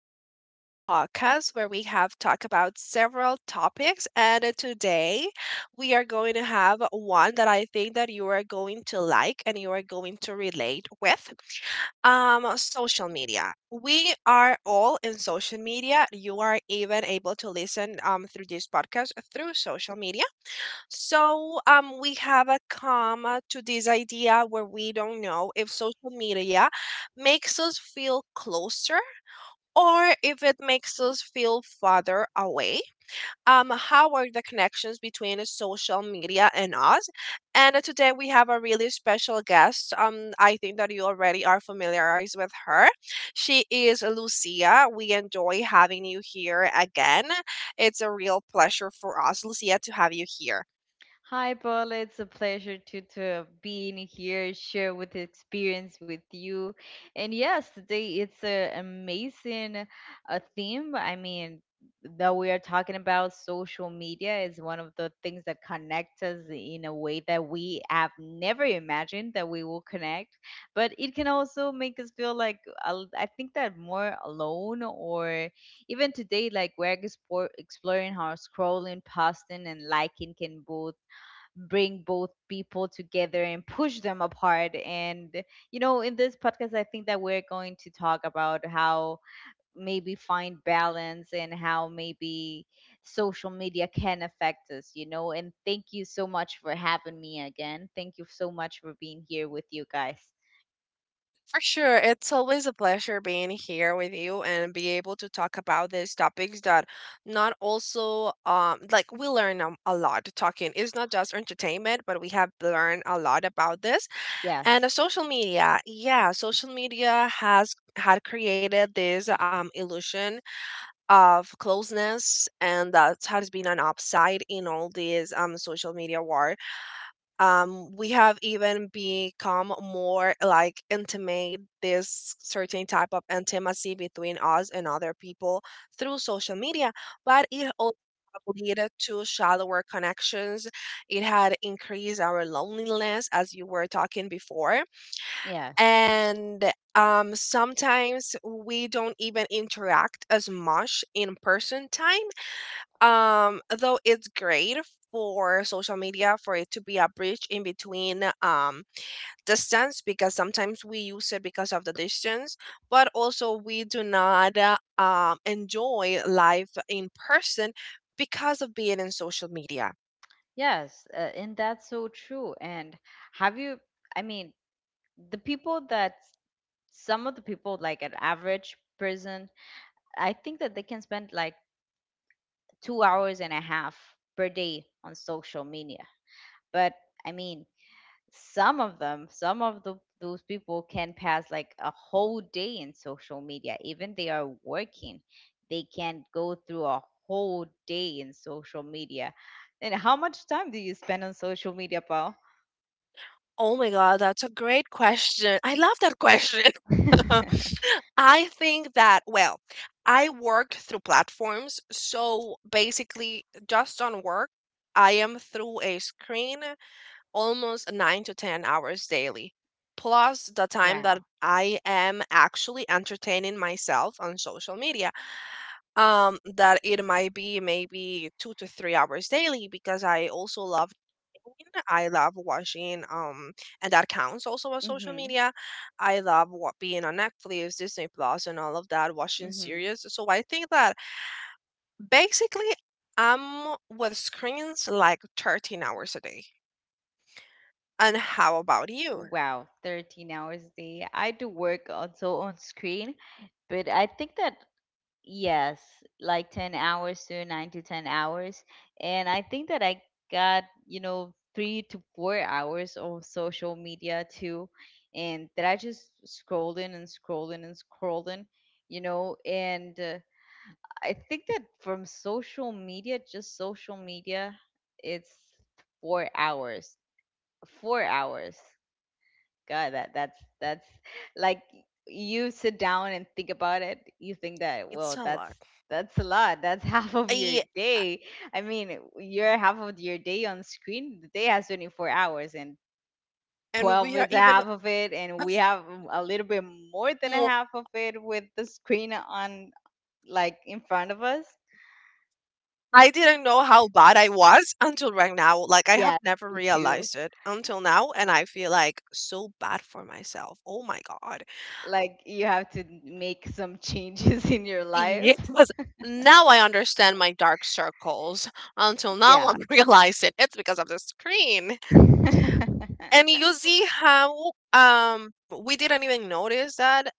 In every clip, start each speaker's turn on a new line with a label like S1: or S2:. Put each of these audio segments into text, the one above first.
S1: this your podcast where we have talked about several topics. And today we are going to have one that I think that you are going to like and you are going to relate with. Social media. We are all in social media. You are even able to listen through this podcast through social media. So we have a comma to this idea where we don't know if social media makes us feel closer or if it makes us feel farther away. How are the connections between social media and us? And today we have a really special guest. I think that you already are familiarized with her. She is Lucia. We enjoy having you here again. It's a real pleasure for us, Lucia, to have you here.
S2: Hi, Paul. It's a pleasure to being here, share with the experience with you. And yes, today it's a amazing theme. I mean, that we are talking about social media is one of the things that connect us in a way that we have never imagined that we will connect. But it can also make us feel like, I think that more alone, or even today, like we're exploring how scrolling, posting and liking can both bring both people together and push them apart. And in this podcast, I think that we're going to talk about how maybe find balance and how maybe social media can affect us. And thank you so much for having me again. Thank you so much for being here with you guys.
S1: For sure. It's always a pleasure being here with you and be able to talk about these topics that not also like we learn a lot talking. It's not just entertainment, but we have learned a lot about this. And
S2: Yes.
S1: social media. Yeah, social media has had created this illusion of closeness, and that has been an upside in all these social media war. Um, we have even become more like intimate, this certain type of intimacy between us and other people through social media, but it also lead to shallower connections. It had increased our loneliness as you were talking before.
S2: Yes.
S1: And sometimes we don't even interact as much in person time. Um, though it's great for social media for it to be a bridge in between distance because sometimes we use it because of the distance, but also we do not enjoy life in person because of being in social media.
S2: Yes. And that's so true. And, have you, I mean, the people that, some of the people, like an average person, I think that they can spend like 2 hours and a half per day on social media. But I mean, some of them, those people can pass like a whole day in social media. Even they are working, they can go through a whole day in social media. And how much time do you spend on social media, Paul?
S1: Oh my God, that's a great question. I love that question. I think that, well, I work through platforms. So basically, just on work, I am through a screen almost nine to 10 hours daily, plus the time
S2: Wow.
S1: that I am actually entertaining myself on social media, that it might be maybe 2 to 3 hours daily because I also love cooking. I love watching, and that counts also on social
S2: Mhm.
S1: media. I love what being on Netflix, Disney Plus, and all of that, watching
S2: Mhm.
S1: series. So I think that basically I'm with screens like 13 hours a day. And how about you?
S2: Wow, 13 hours a day. I do work also on screen, but I think that, yes, like 10 hours to, 9 to 10 hours. And I think that I got, 3 to 4 hours of social media too. And that I just scrolling and scrolling and scrolling. And I think that from social media, just social media, it's 4 hours. 4 hours. God, that's like you sit down and think about it, you think that,
S1: It's
S2: well,
S1: a
S2: that's
S1: lot.
S2: that's a lot. That's half of your
S1: I, uh,
S2: day. I mean, you're half of your day on screen. The day has 24 hours, and
S1: and
S2: 12
S1: we are
S2: is a
S1: even
S2: half of it, and we have a little bit more than a
S1: more.
S2: half of it with the screen on, like in front of us.
S1: I didn't know how bad I was until right now. Like, I have
S2: Yeah,
S1: never
S2: you too.
S1: realized it until now. And I feel like so bad for myself. Oh my God.
S2: Like, you have to make some changes in your life.
S1: Yes. Now I understand my dark circles. Until now,
S2: Yeah.
S1: I'm realizing it's because of the screen. And you see how we didn't even notice that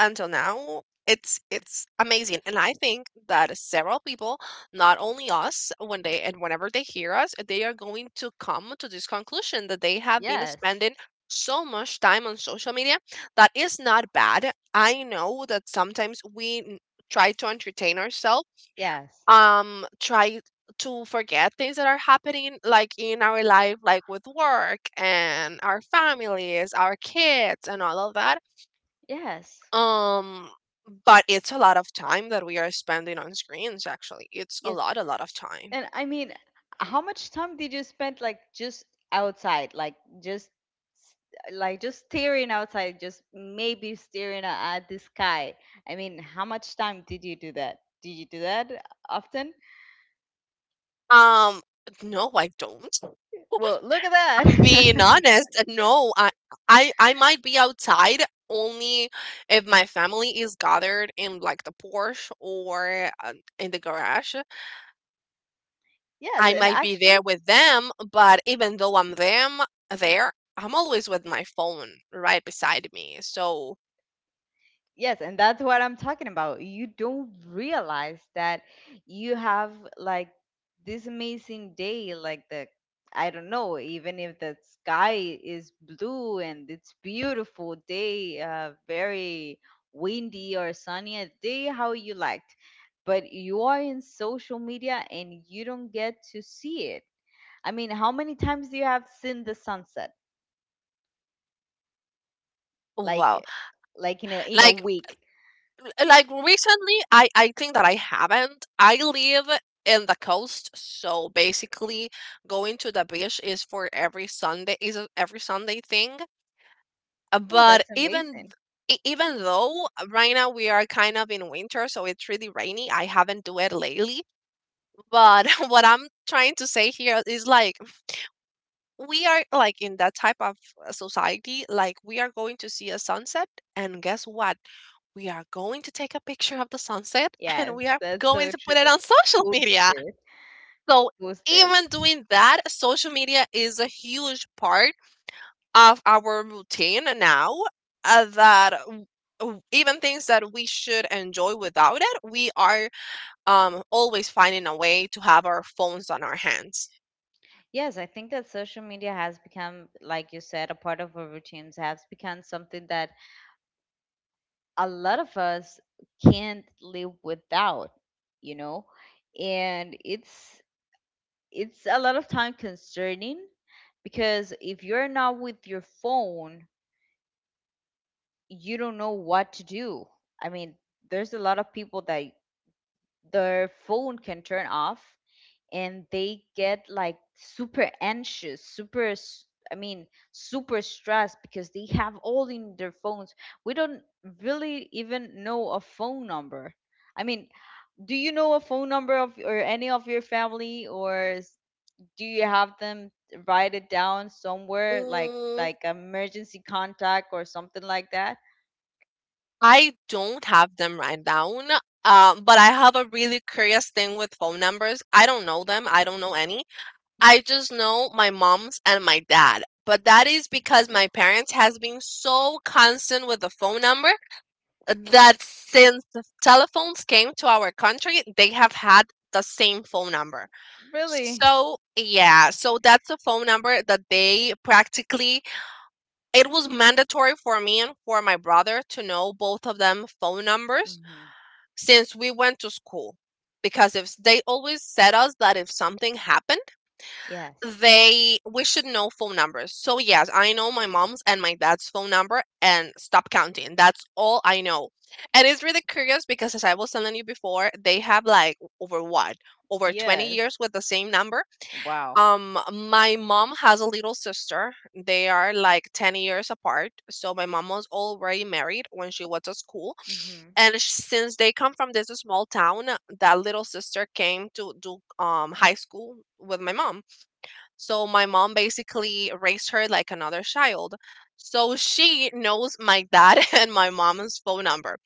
S1: until now. It's amazing, and I think that several people, not only us, when they and whenever they hear us, they are going to come to this conclusion that they have been
S2: Yes.
S1: spending so much time on social media. That is not bad. I know that sometimes try to entertain ourselves,
S2: Yes.
S1: try to forget things that are happening like in our life, like with work and our families, our kids, and all of that.
S2: Yes.
S1: Um, but it's a lot of time that we are spending on screens, actually. It's
S2: Yes.
S1: a lot of time.
S2: And I mean, how much time did you spend like just outside, just s- like just staring outside, just maybe staring at the sky? I mean, how much time did you do that? Did you do that often?
S1: Um, no, I don't.
S2: Well, look at
S1: I'm being
S2: that.
S1: honest, no, I might be outside only if my family is gathered in like the Porsche or in the garage.
S2: Yes,
S1: I
S2: and
S1: might be
S2: actually,
S1: there with them, but even though I'm them there, I'm always with my phone right beside me. So
S2: yes, and that's what I'm talking about. You don't realize that you have, like, this amazing day, like the, I don't know, even if the sky is blue and it's beautiful day, very windy or sunny a day, how you liked. But you are in social media, and you don't get to see it. I mean, how many times do you have seen the sunset?
S1: wow,
S2: Like, like, in a
S1: like
S2: week?
S1: like recently, I think that I haven't. I live in the coast, so basically going to the beach is for every Sunday, is a every Sunday thing.
S2: Oh,
S1: But
S2: that's amazing.
S1: even though right now we are kind of in winter, so it's really rainy, I haven't do it lately. But what I'm trying to say here is like we are like in that type of society, like we are going to see a sunset, and guess what? We are going to take a picture of the sunset and
S2: Yes,
S1: we are
S2: that's
S1: going
S2: so
S1: to put it
S2: true.
S1: on social
S2: Post
S1: media.
S2: it,
S1: So
S2: post it.
S1: even doing that, social media is a huge part of our routine now, that even things that we should enjoy without it, we are always finding a way to have our phones on our hands.
S2: Yes, I think that social media has become, like you said, a part of our routines, has become something that a lot of us can't live without, you know? And it's a lot of time concerning, because if you're not with your phone, you don't know what to do. I mean, there's a lot of people that their phone can turn off and they get like super anxious, super, I mean, super stressed, because they have all in their phones. We don't really even know a phone number. I mean, do you know a phone number of or any of your family, or do you have them write it down somewhere, like
S1: Mm,
S2: like emergency contact or something like that?
S1: I don't have them right down, but I have a really curious thing with phone numbers. I don't know them, I don't know any. I just know my mom's and my dad. But that is because my parents has been so constant with the phone number that since the telephones came to our country, they have had the same phone number.
S2: Really?
S1: So that's a phone number that they practically, it was mandatory for me and for my brother to know both of them phone numbers
S2: Mhm.
S1: since we went to school. Because if they always said us that if something happened,
S2: Yes.
S1: they we should know phone numbers. So yes, I know my mom's and my dad's phone number and stop counting. That's all I know. And it's really curious because as I was telling you before, they have like over what? Over 20
S2: Yes.
S1: years with the same number.
S2: Wow.
S1: My mom has a little sister. They are like 10 years apart. So my mom was already married when she was at school.
S2: Mhm.
S1: And since they come from this small town, that little sister came to do high school with my mom, so my mom basically raised her like another child. So she knows my dad and my mom's phone number.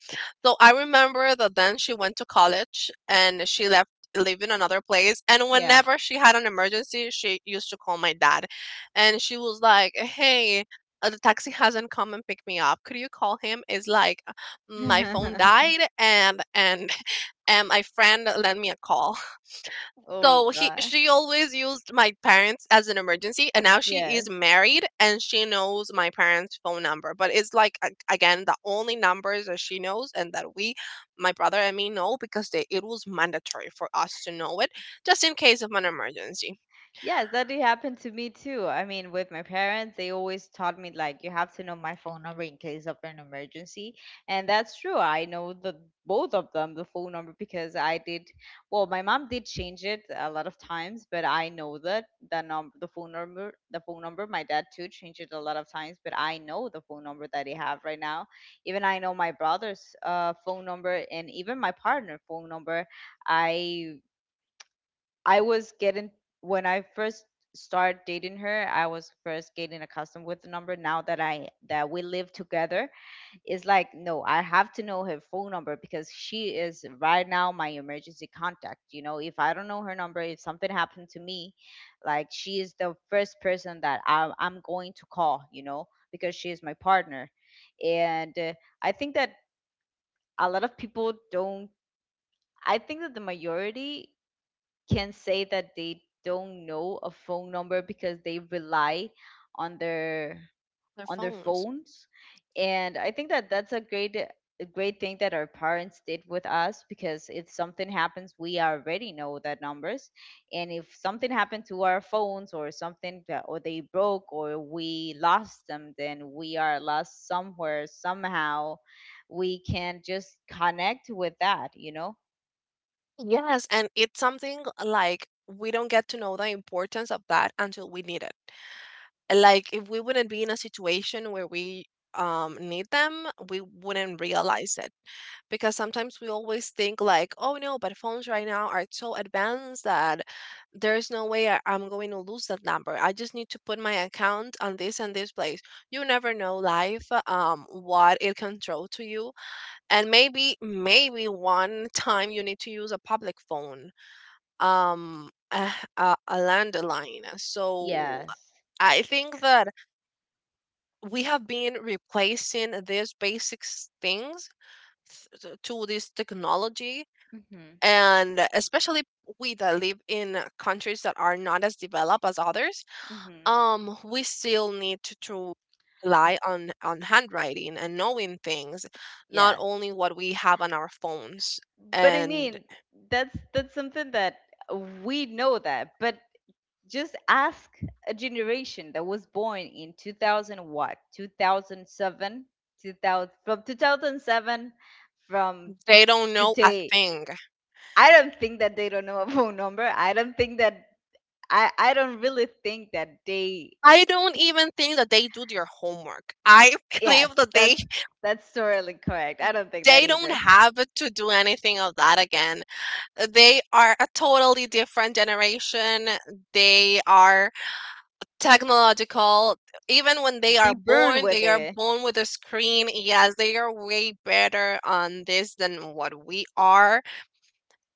S1: So I remember that then she went to college and she left live in another place, and
S2: Yeah.
S1: whenever she had an emergency she used to call my dad, and she was like, hey, the taxi hasn't come and picked me up, could you call him? It's like my phone died and and my friend lent me a call.
S2: Oh
S1: So
S2: god.
S1: she always used my parents as an emergency, and now she is
S2: Yes.
S1: married and she knows my parents' phone number. But it's like again the only numbers that she knows and that we, my brother and me, know because they, it was mandatory for us to know it just in case of an emergency.
S2: Yes, that did happen to me too. I mean, with my parents, they always taught me like you have to know my phone number in case of an emergency. And that's true. I know the both of them the phone number because I did, well, my mom did change it a lot of times, but I know that the number the phone number the phone number my dad too changed it a lot of times, but I know the phone number that they have right now. Even I know my brother's phone number and even my partner phone number. I I was getting, when I first started dating her, I was first getting accustomed with the number. Now that we live together, it's like, no, I have to know her phone number because she is right now my emergency contact. You know, if I don't know her number, if something happened to me, like, she is the first person that I'm going to call. You know, because she is my partner. And I think that a lot of people don't. I think that the majority can say that they don't know a phone number because they rely on their
S1: Their
S2: on their
S1: phones.
S2: phones, and I think that that's a great thing that our parents did with us, because if something happens we already know that numbers. And if something happened to our phones or something, or they broke or we lost them, then we are lost somewhere somehow. We can just connect with that.
S1: Yes, and it's something like we don't get to know the importance of that until we need it. Like if we wouldn't be in a situation where we need them, we wouldn't realize it. Because sometimes we always think like, oh no, but phones right now are so advanced that there's no way I'm going to lose that number. I just need to put my account on this and this place. You never know life, what it can throw to you. And maybe, maybe one time you need to use a public phone, um a, a landline. So
S2: Yes.
S1: I think that we have been replacing these basic things to this technology,
S2: Mhm.
S1: and especially we that live in countries that are not as developed as others,
S2: Mhm.
S1: we still need to rely on handwriting and knowing things, not
S2: Yes.
S1: only what we have on our phones.
S2: But I
S1: And
S2: mean, that's something that we know that, but just ask a generation that was born in 2000, what? 2007, 2000 from 2007 from
S1: they don't know a
S2: today.
S1: thing.
S2: I don't think that they don't know a phone number. I don't think that, I don't really think that they—
S1: I don't even think that they do their homework. I
S2: Yes,
S1: believe that
S2: that's totally correct. I don't think that
S1: they don't
S2: either.
S1: have to do anything of that again. They are a totally different generation. They are technological. Even when
S2: They burn with
S1: they are
S2: it.
S1: born with a screen. Yes, they are way better on this than what we are.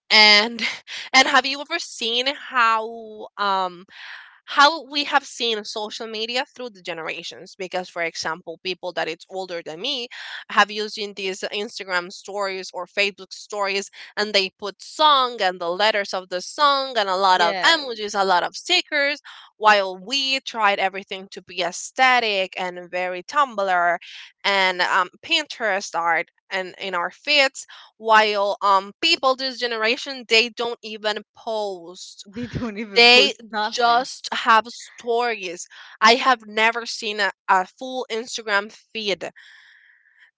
S1: And and have you ever seen how we have seen social media through the generations? Because for example, people that it's older than me have using these Instagram stories or Facebook stories, and they put song and the letters of the song and a lot of emojis,
S2: Yes.
S1: a lot of stickers, while we tried everything to be aesthetic and very Tumblr and Pinterest art and in our feeds, while people this generation, they don't even post,
S2: They don't even
S1: they
S2: post nothing.
S1: just have stories. I have never seen a full Instagram feed.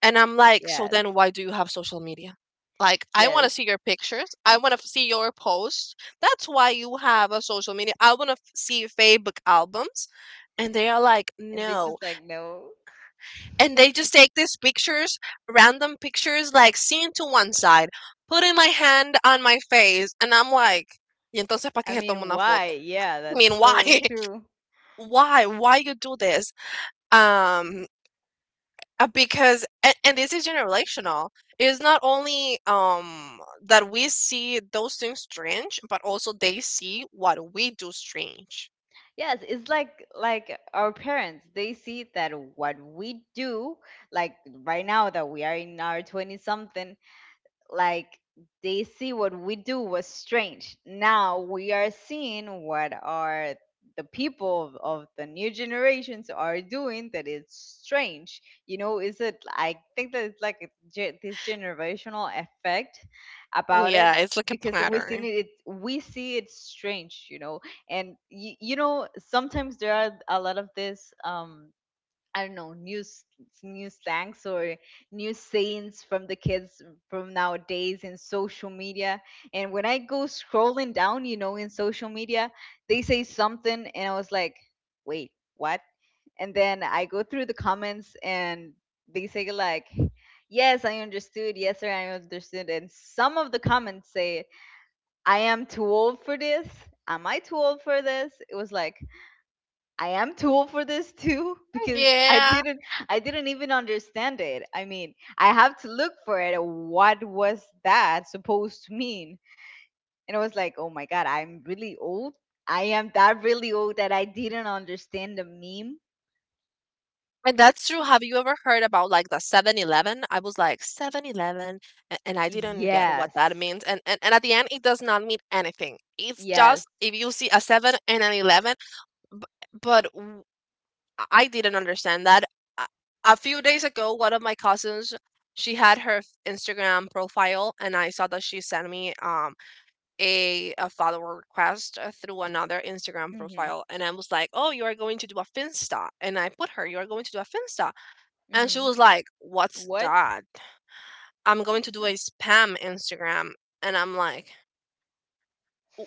S1: And I'm like, so
S2: Yes,
S1: then why do you have social media? Like, I want
S2: yes.
S1: to see your pictures. I want to see your posts. That's why you have a social media. I want to see Facebook albums. And they are like,
S2: And they
S1: no.
S2: just like, no.
S1: And they just take these pictures, random pictures, like seen to one side, putting my hand on my face. And I'm like, y entonces, ¿para qué
S2: I
S1: se toma
S2: mean,
S1: una
S2: why?
S1: foto?
S2: Yeah,
S1: I mean,
S2: that's
S1: why?
S2: so true.
S1: Why you do this? um because and this is generational. It's not only that we see those things strange, but also they see what we do strange.
S2: Yes, it's like our parents. They see that what we do, like right now that we are in our 20 something, like, they see what we do was strange. Now we are seeing what are the people of the new generations are doing that is strange. You know, is it? I think that it's like this generational effect about it,
S1: Yeah, it's like a
S2: because
S1: pattern.
S2: we see it strange. And you know, sometimes there are a lot of this, I don't know, new slangs or new sayings from the kids from nowadays in social media. And when I go scrolling down, in social media, they say something, and I was like, wait, what? And then I go through the comments, and they say like, yes, I understood. Yes, sir, I understood. And some of the comments say, I am too old for this. Am I too old for this? It was like, I am too old for this too because I
S1: Yeah,
S2: didn't I didn't even understand it. I mean, I have to look for it. What was that supposed to mean? And I was like, "Oh my god, I'm really old. I am that really old that I didn't understand the meme."
S1: and that's true. Have you ever heard about, like, the 7-Eleven? I was like, 7-Eleven, and I didn't get what that
S2: Yes.
S1: means. And at the end it does not mean anything. It's just
S2: Yes.
S1: if you see a 7 and an 11. B- but I didn't understand that. A a few days ago, one of my cousins, she had her Instagram profile, and I saw that she sent me a follower request through another Instagram
S2: Mhm.
S1: profile, and I was like, "Oh, you are going to do a Finsta," and I put her, "You are going to do a Finsta." And she
S2: Mhm.
S1: was like, "What's
S2: What?
S1: that?" I'm going to do a spam Instagram, and I'm like,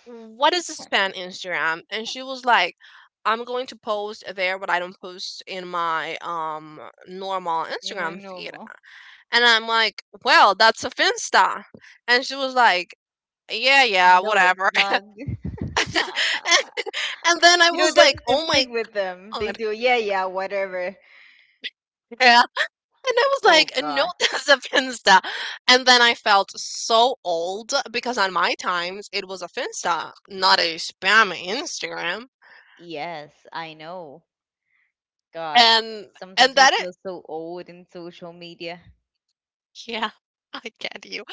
S1: what is a spam Instagram? And she was like, I'm going to post there what I don't post in my normal
S2: Am I
S1: Instagram feed.
S2: normal?
S1: And I'm like, well, that's a Finsta. And she was like, yeah, yeah,
S2: No, it's
S1: whatever.
S2: not.
S1: And then I
S2: You know,
S1: was
S2: that's
S1: like,
S2: the
S1: oh my
S2: thing with them. They
S1: god.
S2: do, yeah, yeah, whatever.
S1: Yeah. And I was
S2: Oh
S1: like, no,
S2: god.
S1: that's a Finsta. And then I felt so old because on my times it was a Finsta, not a spam Instagram.
S2: Yes, I know. God,
S1: And and
S2: sometimes we
S1: that.
S2: feel so old in social media.
S1: Yeah, I get you.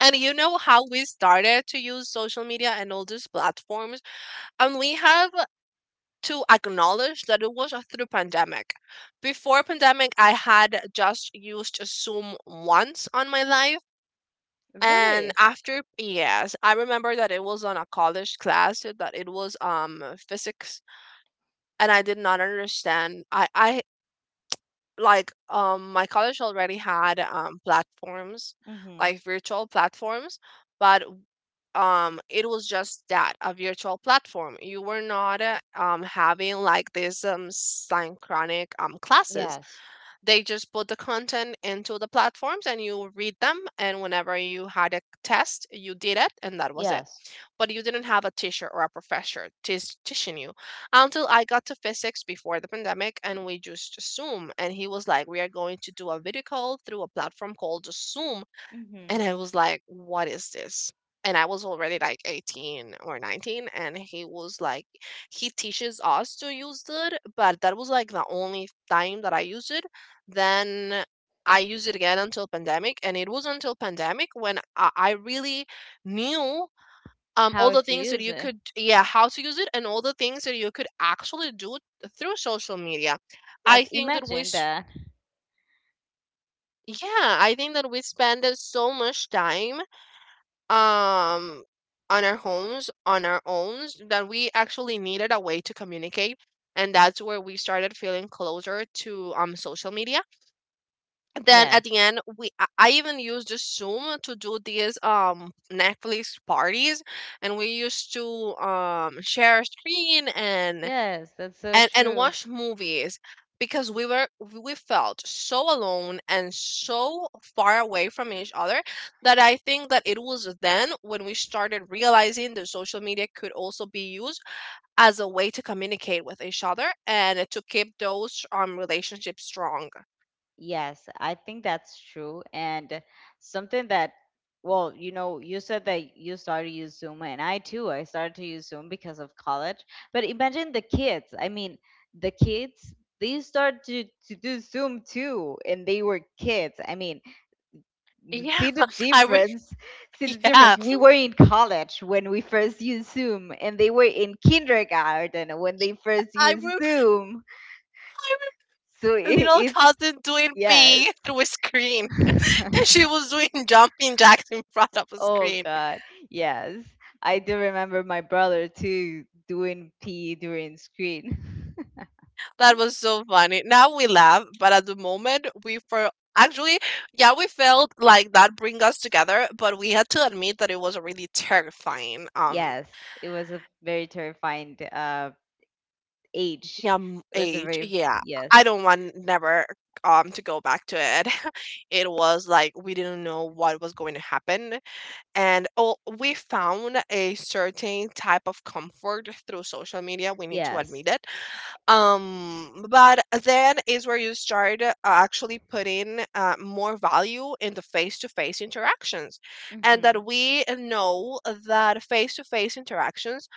S1: And you know how we started to use social media and all these platforms? And we have to acknowledge that it was through pandemic. Before pandemic, I had just used Zoom once on my life. And
S2: Really?
S1: after, yes, I remember that it was on a college class, that it was physics, and I did not understand. I Like, my college already had platforms,
S2: Mm-hmm.
S1: like virtual platforms, but it was just that a virtual platform. You were not having, like, these synchronic classes.
S2: Yes.
S1: They just put the content into the platforms and you read them, and whenever you had a test you did it and that was it.
S2: Yes.
S1: But you didn't have a teacher or a professor teaching you until I got to physics before the pandemic, and we just Zoom, and he was like, we are going to do a video call through a platform called Zoom. And
S2: Mm-hmm.
S1: I was like, what is this? And I was already like 18 or 19, and he was like, he teaches us to use it, but that was like the only time that I used it. Then I used it again until pandemic, and it was until pandemic when I really knew all
S2: How
S1: the
S2: to
S1: things that
S2: use
S1: you
S2: it.
S1: could, yeah, how to use it and all the things that you could actually do through social media. I
S2: Yes.
S1: think that we
S2: Imagine
S1: sh-
S2: that.
S1: Yeah, I think that we spend so much time um on our homes, on our own, that we actually needed a way to communicate, and that's where we started feeling closer to social media. Then at
S2: Yes.
S1: the end we I even used the Zoom to do these Netflix parties, and we used to share a screen and
S2: Yes. That's so
S1: and and
S2: true.
S1: watch movies, because we felt so alone and so far away from each other, that I think that it was then when we started realizing that social media could also be used as a way to communicate with each other and to keep those relationships strong.
S2: Yes, I think that's true. And something that, well, you said that you started to use Zoom, and I too, I started to use Zoom because of college. But imagine the kids. I mean, the kids, they start to do Zoom too, and they were kids. I mean,
S1: Yeah,
S2: see the
S1: I re-
S2: difference. See the difference.
S1: yeah,
S2: We were in college when we first used Zoom, and they were in kindergarten when they first
S1: I
S2: used
S1: re-
S2: Zoom.
S1: I
S2: So it,
S1: little
S2: it's,
S1: cousin doing
S2: yes.
S1: pee through a screen. She was doing jumping jacks in front of a
S2: Oh
S1: screen.
S2: God, yes. I do remember my brother too doing pee during screen.
S1: That was so funny. Now we laugh, but at the moment we for actually, yeah, we felt like that bring us together, but we had to admit that it was a really terrifying
S2: Yes, it was a very terrifying age.
S1: yeah,
S2: It was a
S1: age.
S2: very,
S1: Yeah, I
S2: yes,
S1: don't want never to go back to it. It was like we didn't know what was going to happen, and oh, we found a certain type of comfort through social media. We need to
S2: yes.
S1: admit it. But then is where you start actually putting more value in the face to face interactions. And that
S2: Hmm.
S1: we know that face to face interactions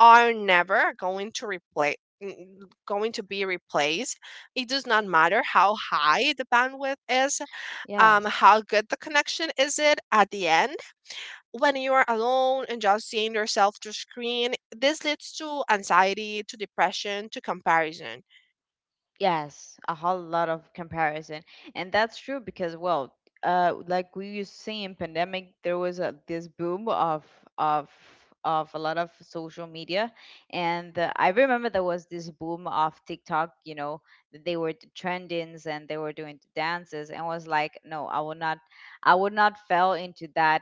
S1: are never going to replace, going to be replaced. It does not matter how high the bandwidth is,
S2: Yes.
S1: how good the connection is. It, at the end, when you are alone and just seeing yourself through screen, this leads to anxiety, to depression, to comparison.
S2: Yes, a whole lot of comparison. And that's true because, well, like we used to see in pandemic, there was a this boom of, of of a lot of social media. And I remember there was this boom of TikTok, that they were the trendings, and they were doing the dances, and was like, no, I would not fell into that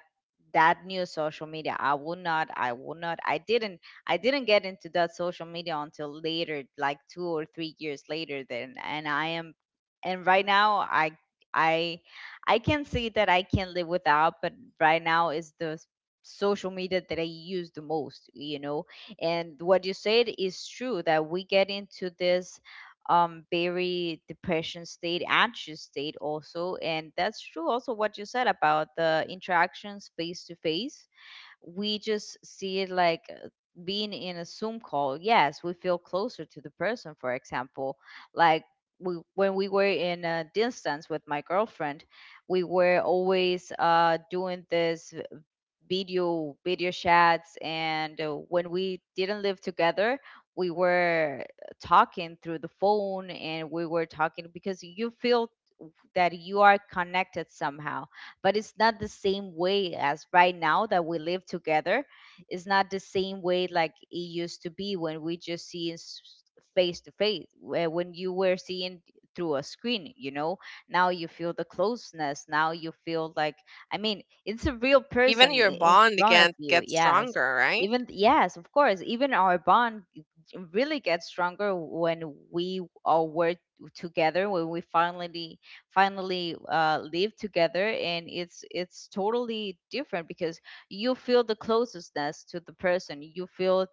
S2: that new social media. I would not. I would not. I didn't get into that social media until later, like 2 or 3 years later then. And right now I I can say that I can live without, but right now is the social media that I use the most, you know. And what you said is true that we get into this very depression state, anxious state also, and that's true also what you said about the interactions face to face. We just see it like being in a Zoom call. Yes, we feel closer to the person, for example. Like when we were in a distance with my girlfriend, we were always doing this video chats, and when we didn't live together, we were talking through the phone, and we were talking because you feel that you are connected somehow, but it's not the same way as right now that we live together. It's not the same way like it used to be when we just see face to face, where when you were seeing through a screen, you know, now you feel the closeness, now you feel like, I mean, it's a real
S1: Even
S2: person,
S1: your
S2: in
S1: bond
S2: front of
S1: can
S2: you.
S1: get
S2: Yes,
S1: stronger, right?
S2: even, yes, of course, even our bond really gets stronger when we all were together, when we finally live together. And it's totally different because you feel the closeness to the person, you feel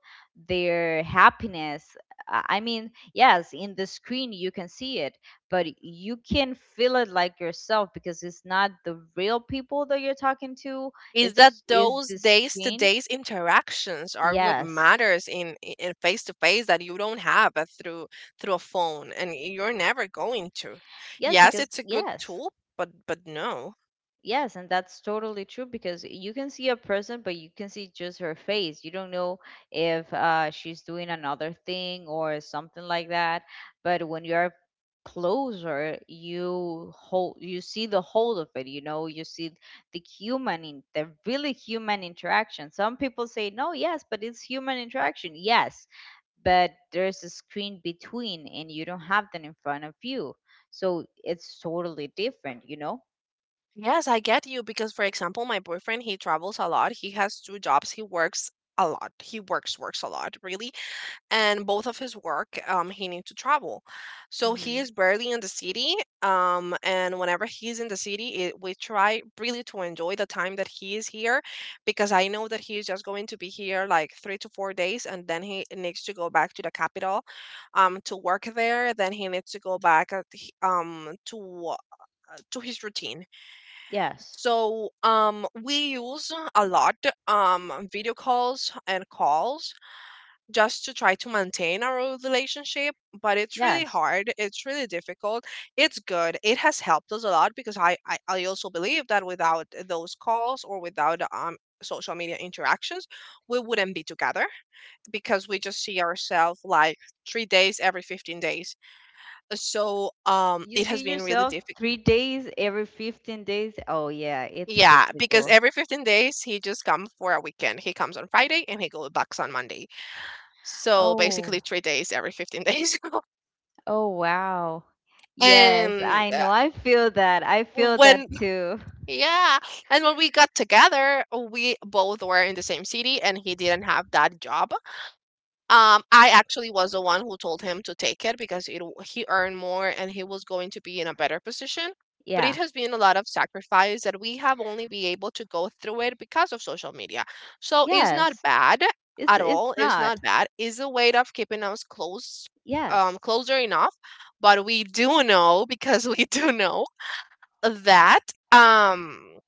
S2: their happiness. I mean, yes, in the screen you can see it, but you can feel it like yourself, because it's not the real people that you're talking to.
S1: Is that
S2: It's is
S1: those
S2: the
S1: days to
S2: screen.
S1: days interactions are what
S2: Yes.
S1: matters in face to face, that you don't have through a phone, and you're never going to.
S2: yes
S1: Yes,
S2: because
S1: it's a good
S2: yes
S1: tool, but no.
S2: Yes, and that's totally true because you can see a person, but you can see just her face. You don't know if she's doing another thing or something like that. But when you're closer, you hold, you see the whole of it. You know, you see the human, in, the really human interaction. Some people say no, yes, but it's human interaction. Yes, but there's a screen between, and you don't have that in front of you, so it's totally different. You know.
S1: Yes, I get you, because for example, my boyfriend he travels a lot. He has two jobs. He works a lot. He works a lot, really, and both of his work, he needs to travel, so
S2: Mm-hmm.
S1: he is barely in the city, and whenever he's in the city we try really to enjoy the time that he is here, because I know that he is just going to be here like 3 to 4 days, and then he needs to go back to the capital, to work there. Then he needs to go back, uh, to his routine.
S2: Yes.
S1: So we use a lot video calls and calls, just to try to maintain our relationship, but it's really
S2: Yes.
S1: hard, it's really difficult. It's good, it has helped us a lot, because I also believe that without those calls or without social media interactions, we wouldn't be together, because we just see ourselves like 3 days every 15 days. So
S2: You
S1: it has
S2: see
S1: been really
S2: yourself
S1: difficult.
S2: 3 days every 15 days. Oh, yeah, it's
S1: Yeah, because
S2: difficult.
S1: every 15 days he just comes for a weekend. He comes on Friday and he goes back on Monday, so
S2: Oh.
S1: basically 3 days every 15 days.
S2: Oh, wow. Yes,
S1: And
S2: I
S1: uh,
S2: know. I feel that. I feel that
S1: when,
S2: too.
S1: yeah, and when we got together, we both were in the same city and he didn't have that job. I actually was the one who told him to take it, because he earned more and he was going to be in a better position. But it
S2: Yeah.
S1: has been a lot of sacrifice that we have only been able to go through it because of social media. So it's not
S2: Yes.
S1: bad
S2: It's
S1: at all. It's
S2: not.
S1: not bad. It's a way of keeping us close,
S2: Yes.
S1: closer enough. But we do know, because we do know that um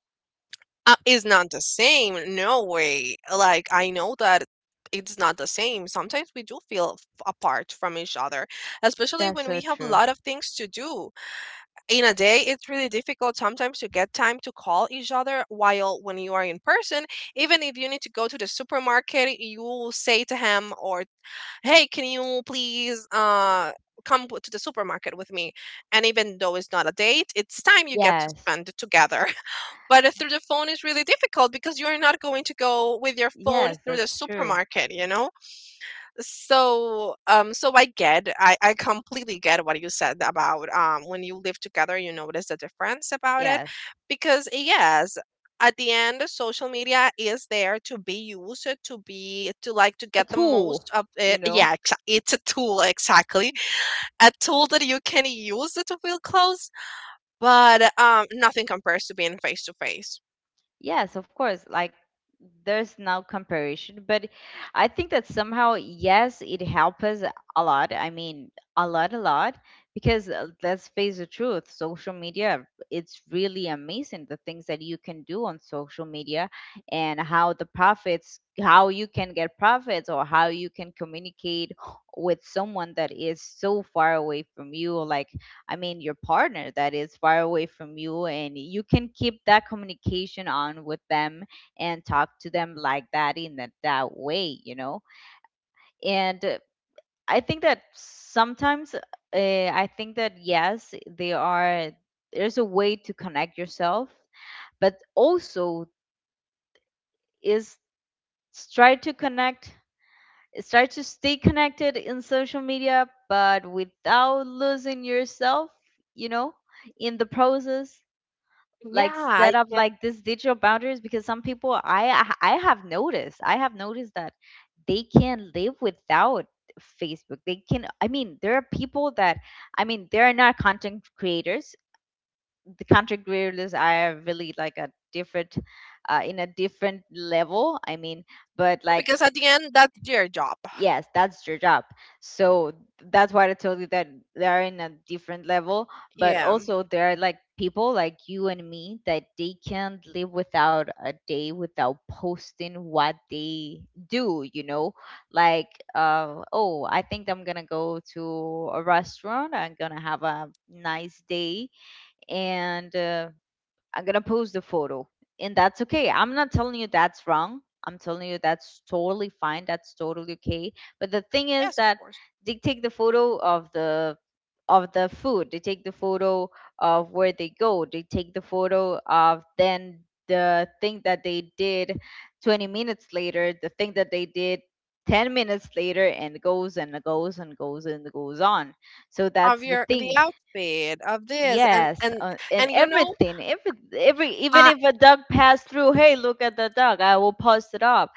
S1: uh, is not the same. No way. Like, I know that it's not the same. Sometimes we do feel apart from each other, especially
S2: That's
S1: when we
S2: so
S1: have a
S2: true.
S1: lot of things to do in a day. It's really difficult sometimes to get time to call each other, while when you are in person, even if you need to go to the supermarket, you will say to him, or, hey, can you please come to the supermarket with me. And even though it's not a date, it's time you get to
S2: Yes.
S1: spend together. But through the phone is really difficult, because you're not going to go with your phone
S2: Yes,
S1: through the
S2: that's true.
S1: supermarket, you know. So I completely get what you said about when you live together, you notice the difference about it,
S2: Yes.
S1: because yes, at the end social media is there to be used, to be, to, like, to
S2: A
S1: get the
S2: tool,
S1: most of
S2: you
S1: it.
S2: know?
S1: Yeah, it's a tool, exactly. A tool that you can use to feel close, but nothing compares to being face to face.
S2: Yes, of course. Like, there's no comparison, but I think that somehow, yes, it helps us a lot. I mean, a lot, a lot. Because let's face the truth, social media, it's really amazing the things that you can do on social media and how the profits, how you can get profits, or how you can communicate with someone that is so far away from you. Like, I mean, your partner that is far away from you, and you can keep that communication on with them and talk to them like that in that way, you know. And I think that sometimes, I think that yes, they are. There's a way to connect yourself, but also is try to connect, it's try to stay connected in social media but without losing yourself, you know, in the process.
S1: Yeah,
S2: Like,
S1: I
S2: set up
S1: get.
S2: like this digital boundaries, because some people, I have noticed, I have noticed that they can live without Facebook. They can, I mean, there are people that, I mean, they are not content creators. The content creators are really like a different in a different level. I mean, but like,
S1: Because at the end, that's their job.
S2: yes, that's your job. So that's why I told you that they are in a different level, but
S1: Yeah.
S2: also there are like people like you and me that they can't live without a day without posting what they do, you know? Like, oh, I think I'm gonna go to a restaurant, I'm gonna have a nice day, and I'm gonna post the photo, and that's okay. I'm not telling you that's wrong. I'm telling you that's totally fine. That's totally okay. But the thing is
S1: Yes, of
S2: that
S1: course.
S2: they take the photo of the food. They take the photo of where they go. They take the photo of then the thing that they did 20 minutes later. The thing that they did 10 minutes later, and goes and goes and goes and goes on. So
S1: Of
S2: that's the
S1: your, the
S2: thing.
S1: outfit of this,
S2: Yes, and
S1: and
S2: everything, every, even
S1: uh
S2: if a duck passed through, hey, look at the duck. I will post it up,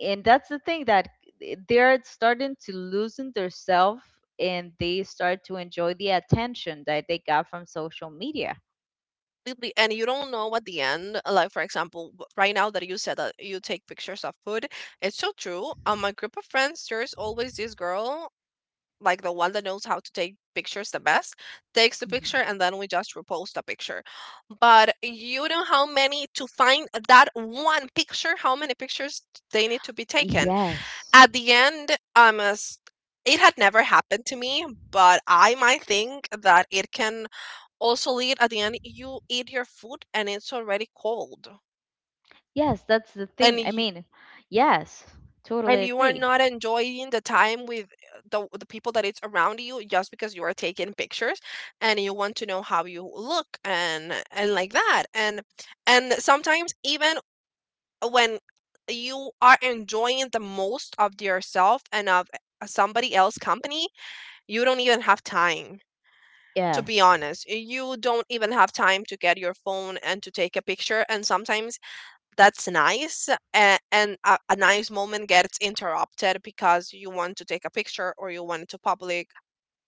S2: and that's the thing that they're starting to loosen their self, and they start to enjoy the attention that they got from social media.
S1: and you don't know at the end. Like, for example, right now that you said that you take pictures of food, it's so true. On my group of friends, there's always this girl, like the one that knows how to take pictures the best, takes the picture
S2: Mhm.
S1: and then we just repost the picture. But you know how many, to find that one picture, how many pictures they need to be taken.
S2: Yes,
S1: At the end, it had never happened to me, but I might think that it can also lead at the end. You eat your food and it's already cold,
S2: yes, that's the
S1: and
S2: thing. I
S1: you
S2: mean, yes,
S1: and
S2: totally
S1: you are
S2: agree.
S1: not enjoying the time with the people that it's around you, just because you are taking pictures and you want to know how you look, and like that, and sometimes even when you are enjoying the most of yourself and of somebody else company. You don't even have time, to be
S2: Yes,
S1: honest. You don't even have time to get your phone and to take a picture. And sometimes that's nice. A nice moment gets interrupted because you want to take a picture or you want to public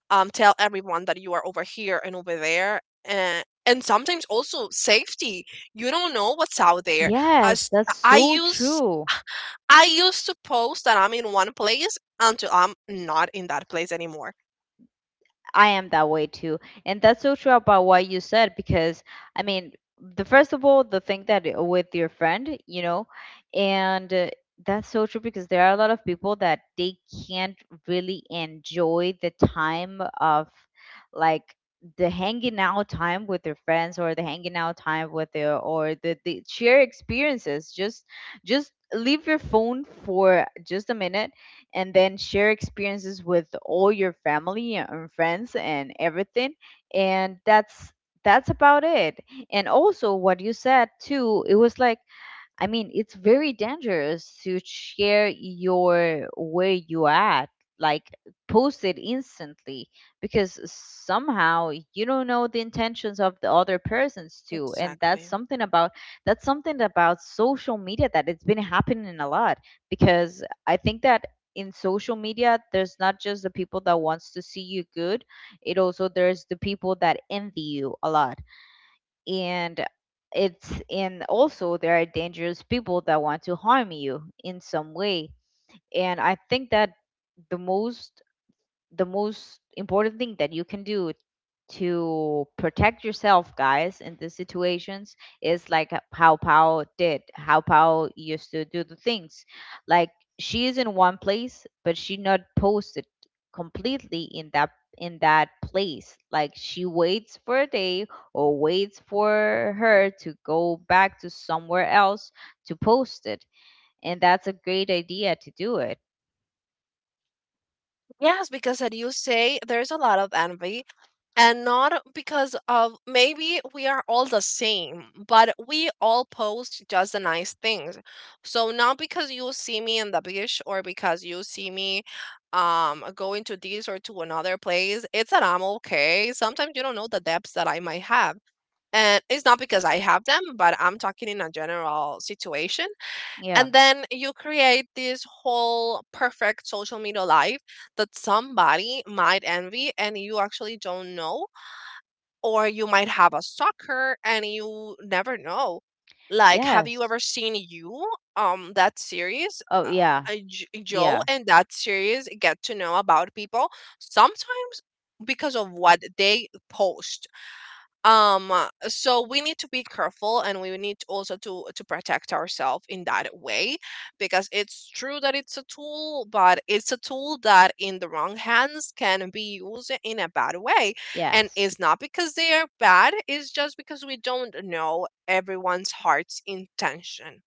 S1: tell everyone that you are over here and over there. And sometimes also safety. You don't know what's out there. As
S2: yes, that's
S1: I
S2: so
S1: use
S2: true.
S1: I used to post that I'm in one place until I'm not in that place anymore.
S2: I am that way too. And that's so true about what you said because, I mean, the first of all, the thing that with your friend, you know, and that's so true because there are a lot of people that they can't really enjoy the time of, like, the hanging out time with their friends or the hanging out time with their, or the share experiences. Just leave your phone for just a minute and then share experiences with all your family and friends and everything. And that's about it. And also what you said too, it was like, I mean, it's very dangerous to share your where you at, like, post it instantly, because somehow you don't know the intentions of the other persons too. And that's
S1: Exactly.
S2: something about, that's something about social media that it's been happening a lot, because I think that in social media there's not just the people that wants to see you good, it also there's the people that envy you a lot, and it's, and also there are dangerous people that want to harm you in some way. And I think that the most, the most important thing that you can do to protect yourself, guys, in these situations, is like how Pao did, how Pao used to do the things, like, she is in one place but she not posted completely in that, in that place. Like, she waits for a day, or waits for her to go back to somewhere else to post it. And that's a great idea to do it.
S1: Yes, because as you say, there's a lot of envy, and not because of maybe we are all the same, but we all post just the nice things. So not because you see me in the beach or because you see me going to this or to another place, it's that I'm okay. Sometimes you don't know the depths that I might have. And it's not because I have them, but I'm talking in a general situation,
S2: Yeah.
S1: and then you create this whole perfect social media life that somebody might envy and you actually don't know, or you might have a stalker and you never know. Like, have you
S2: Yes.
S1: ever seen you that series
S2: Oh,
S1: uh,
S2: yeah. Yeah.
S1: Joe? And that series, get to know about people sometimes because of what they post. So we need to be careful, and we need to also to protect ourselves in that way, because it's true that it's a tool, but it's a tool that in the wrong hands can be used in a bad way. And
S2: Yes,
S1: it's not because they are bad, it's just because we don't know everyone's heart's intention.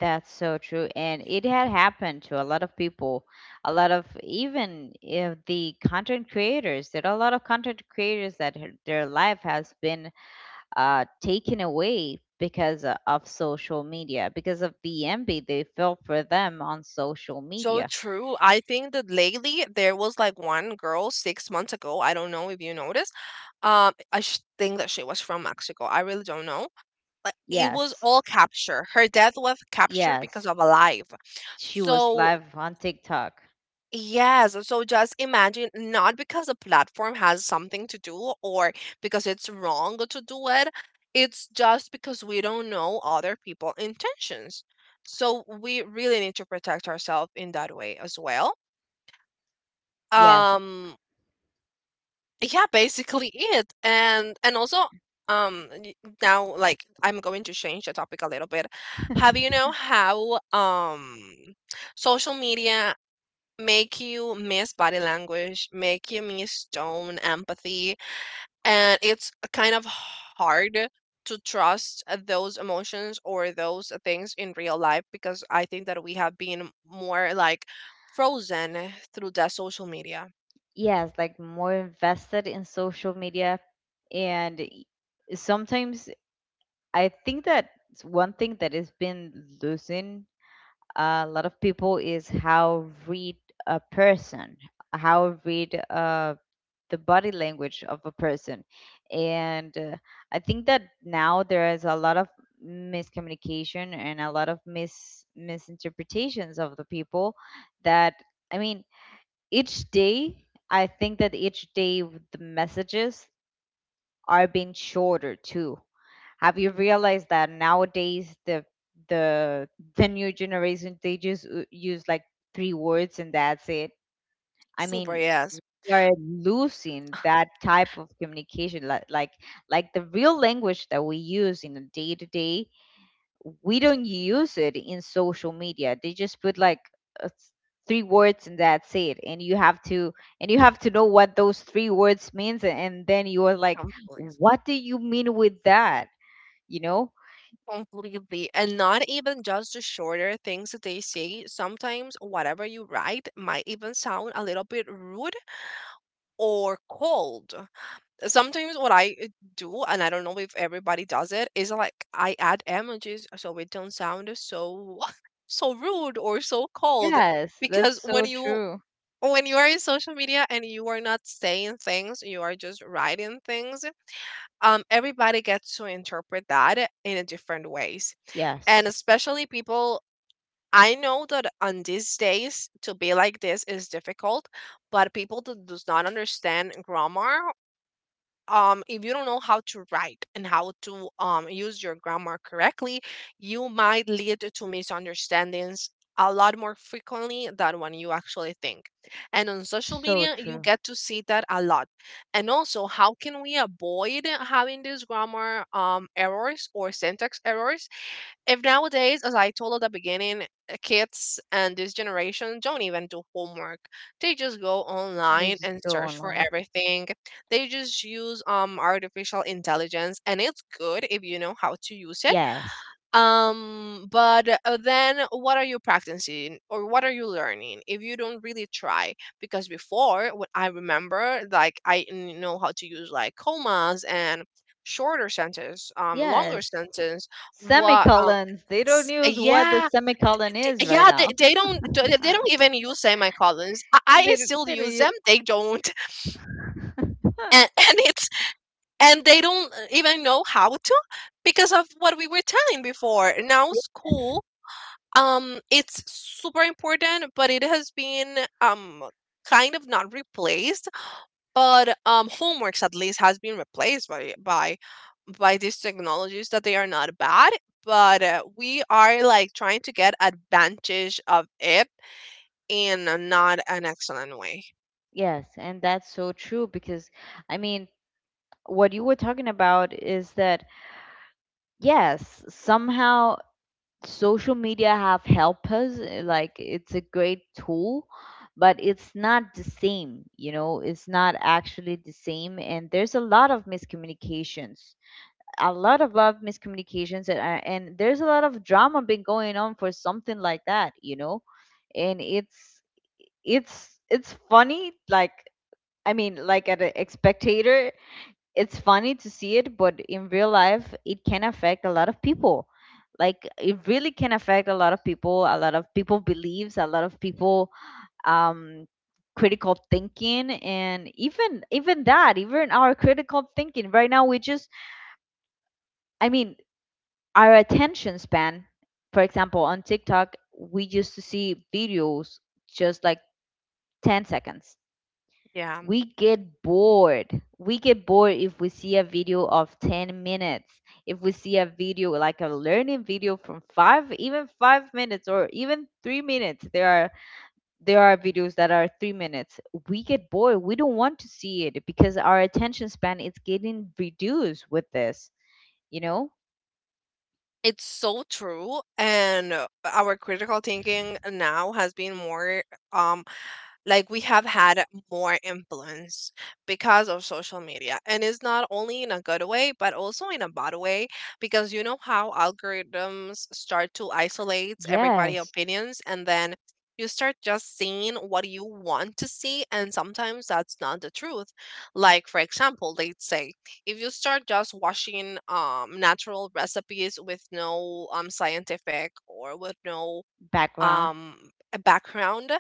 S2: that's so true. And it had happened to a lot of people, a lot of, even if the content creators, there are a lot of content creators that their life has been taken away because of social media, because of the envy they felt for them on social
S1: So
S2: media.
S1: true. I think that lately there was like one girl 6 months ago, I don't know if you noticed. I think that she was from Mexico. I really don't know. Like, it was
S2: Yes,
S1: all capture. Her death was captured because
S2: yes,
S1: of a live.
S2: she was
S1: So,
S2: live on TikTok.
S1: yes, so just imagine, not because the platform has something to do, or because it's wrong to do it. It's just because we don't know other people's intentions. So we really need to protect ourselves in that way as well.
S2: Yes,
S1: Um yeah, basically it, and also, um y- now, like, I'm going to change the topic a little bit. Have you know how social media make you miss body language, make you miss tone, empathy, and it's kind of hard to trust those emotions or those things in real life, because I think that we have been more like frozen through the social media.
S2: yes, like more invested in social media and sometimes I think that one thing that has been losing a lot of people is how read a person, how read the body language of a person. And I think that now there is a lot of miscommunication and a lot of misinterpretations of the people that, I mean, each day, I think that each day the messages are being shorter too. Have you realized that nowadays the the new generation they just use like three words and that's it? I
S1: Super,
S2: mean,
S1: yes.
S2: we are losing that type of communication, like the real language that we use in a day to day. We don't use it in social media. They just put like a three words and that's it. And you have to, and you have to know what those three words means, and then you are like,
S1: Please.
S2: what do you mean with that? You know.
S1: Completely. And not even just the shorter things that they say. Sometimes whatever you write might even sound a little bit rude or cold. Sometimes what I do, and I don't know if everybody does it, is like I add emojis so it don't sound so so rude or so cold.
S2: Yes,
S1: Because
S2: that's
S1: when
S2: so
S1: you
S2: true.
S1: When you are in social media and you are not saying things, you are just writing things, everybody gets to interpret that in a different ways. And
S2: Yes.
S1: especially people, I know that on these days to be like this is difficult, but people that does not understand grammar, if you don't know how to write and how to use your grammar correctly, you might lead to misunderstandings a lot more frequently than when you actually think. And on social
S2: So
S1: media, you
S2: true.
S1: get to see that a lot. And also, how can we avoid having these grammar errors or syntax errors? If nowadays, as I told at the beginning, kids and this generation don't even do homework. They just go
S2: They
S1: online
S2: just
S1: and
S2: go
S1: search for
S2: online.
S1: everything. They just use artificial intelligence, and it's good if you know how to use it
S2: Yes.
S1: um but uh, then what are you practicing or what are you learning if you don't really try? Because before, what I remember, like, I know how to use like commas, and shorter sentence, longer
S2: Yes.
S1: sentence. what um
S2: Semicolons. They don't use what the
S1: yeah,
S2: semicolon is right
S1: yeah, they,
S2: now.
S1: they don't they
S2: Huh.
S1: don't even use semicolons. I still
S2: They don't
S1: use
S2: use.
S1: them, they don't.
S2: Huh.
S1: And it's, and they don't even know how to, because of what we were telling before, now
S2: Yes.
S1: school it's super important, but it has been kind of not replaced. But homeworks at least has been replaced by these technologies that they are not bad, but we are like trying to get advantage of it in a not an excellent way.
S2: Yes, and that's so true because, I mean, what you were talking about is that, yes, somehow social media have helped us, like it's a great tool, but it's not the same, you know, it's not actually the same, and there's a lot of miscommunications, a lot of love miscommunications, and, and there's a lot of drama been going on for something like that, you know. And it's, it's funny, like, I mean, like at a spectator it's funny to see it, but in real life, it can affect a lot of people. Like, it really can affect a lot of people, a lot of people believes, a lot of people, um critical thinking, and even, even that, even our critical thinking right now, we just, I mean, our attention span, for example, on TikTok, we used to see videos just like 10 seconds.
S1: Yeah,
S2: We get bored. We get bored if we see a video of 10 minutes, if we see a video like a learning video from 5, even 5 minutes, or even 3 minutes. There are, there are videos that are 3 minutes. We get bored. We don't want to see it because our attention span is getting reduced with this, you know?
S1: it's so true, and our critical thinking now has been more, um like, we have had more influence because of social media, and it's not only in a good way but also in a bad way, because you know how algorithms start to isolate everybody
S2: Yes.
S1: opinions, and then you start just seeing what you want to see, and sometimes that's not the truth. Like, for example, they'd say if you start just watching natural recipes with no scientific, or with no
S2: Background.
S1: um, a background,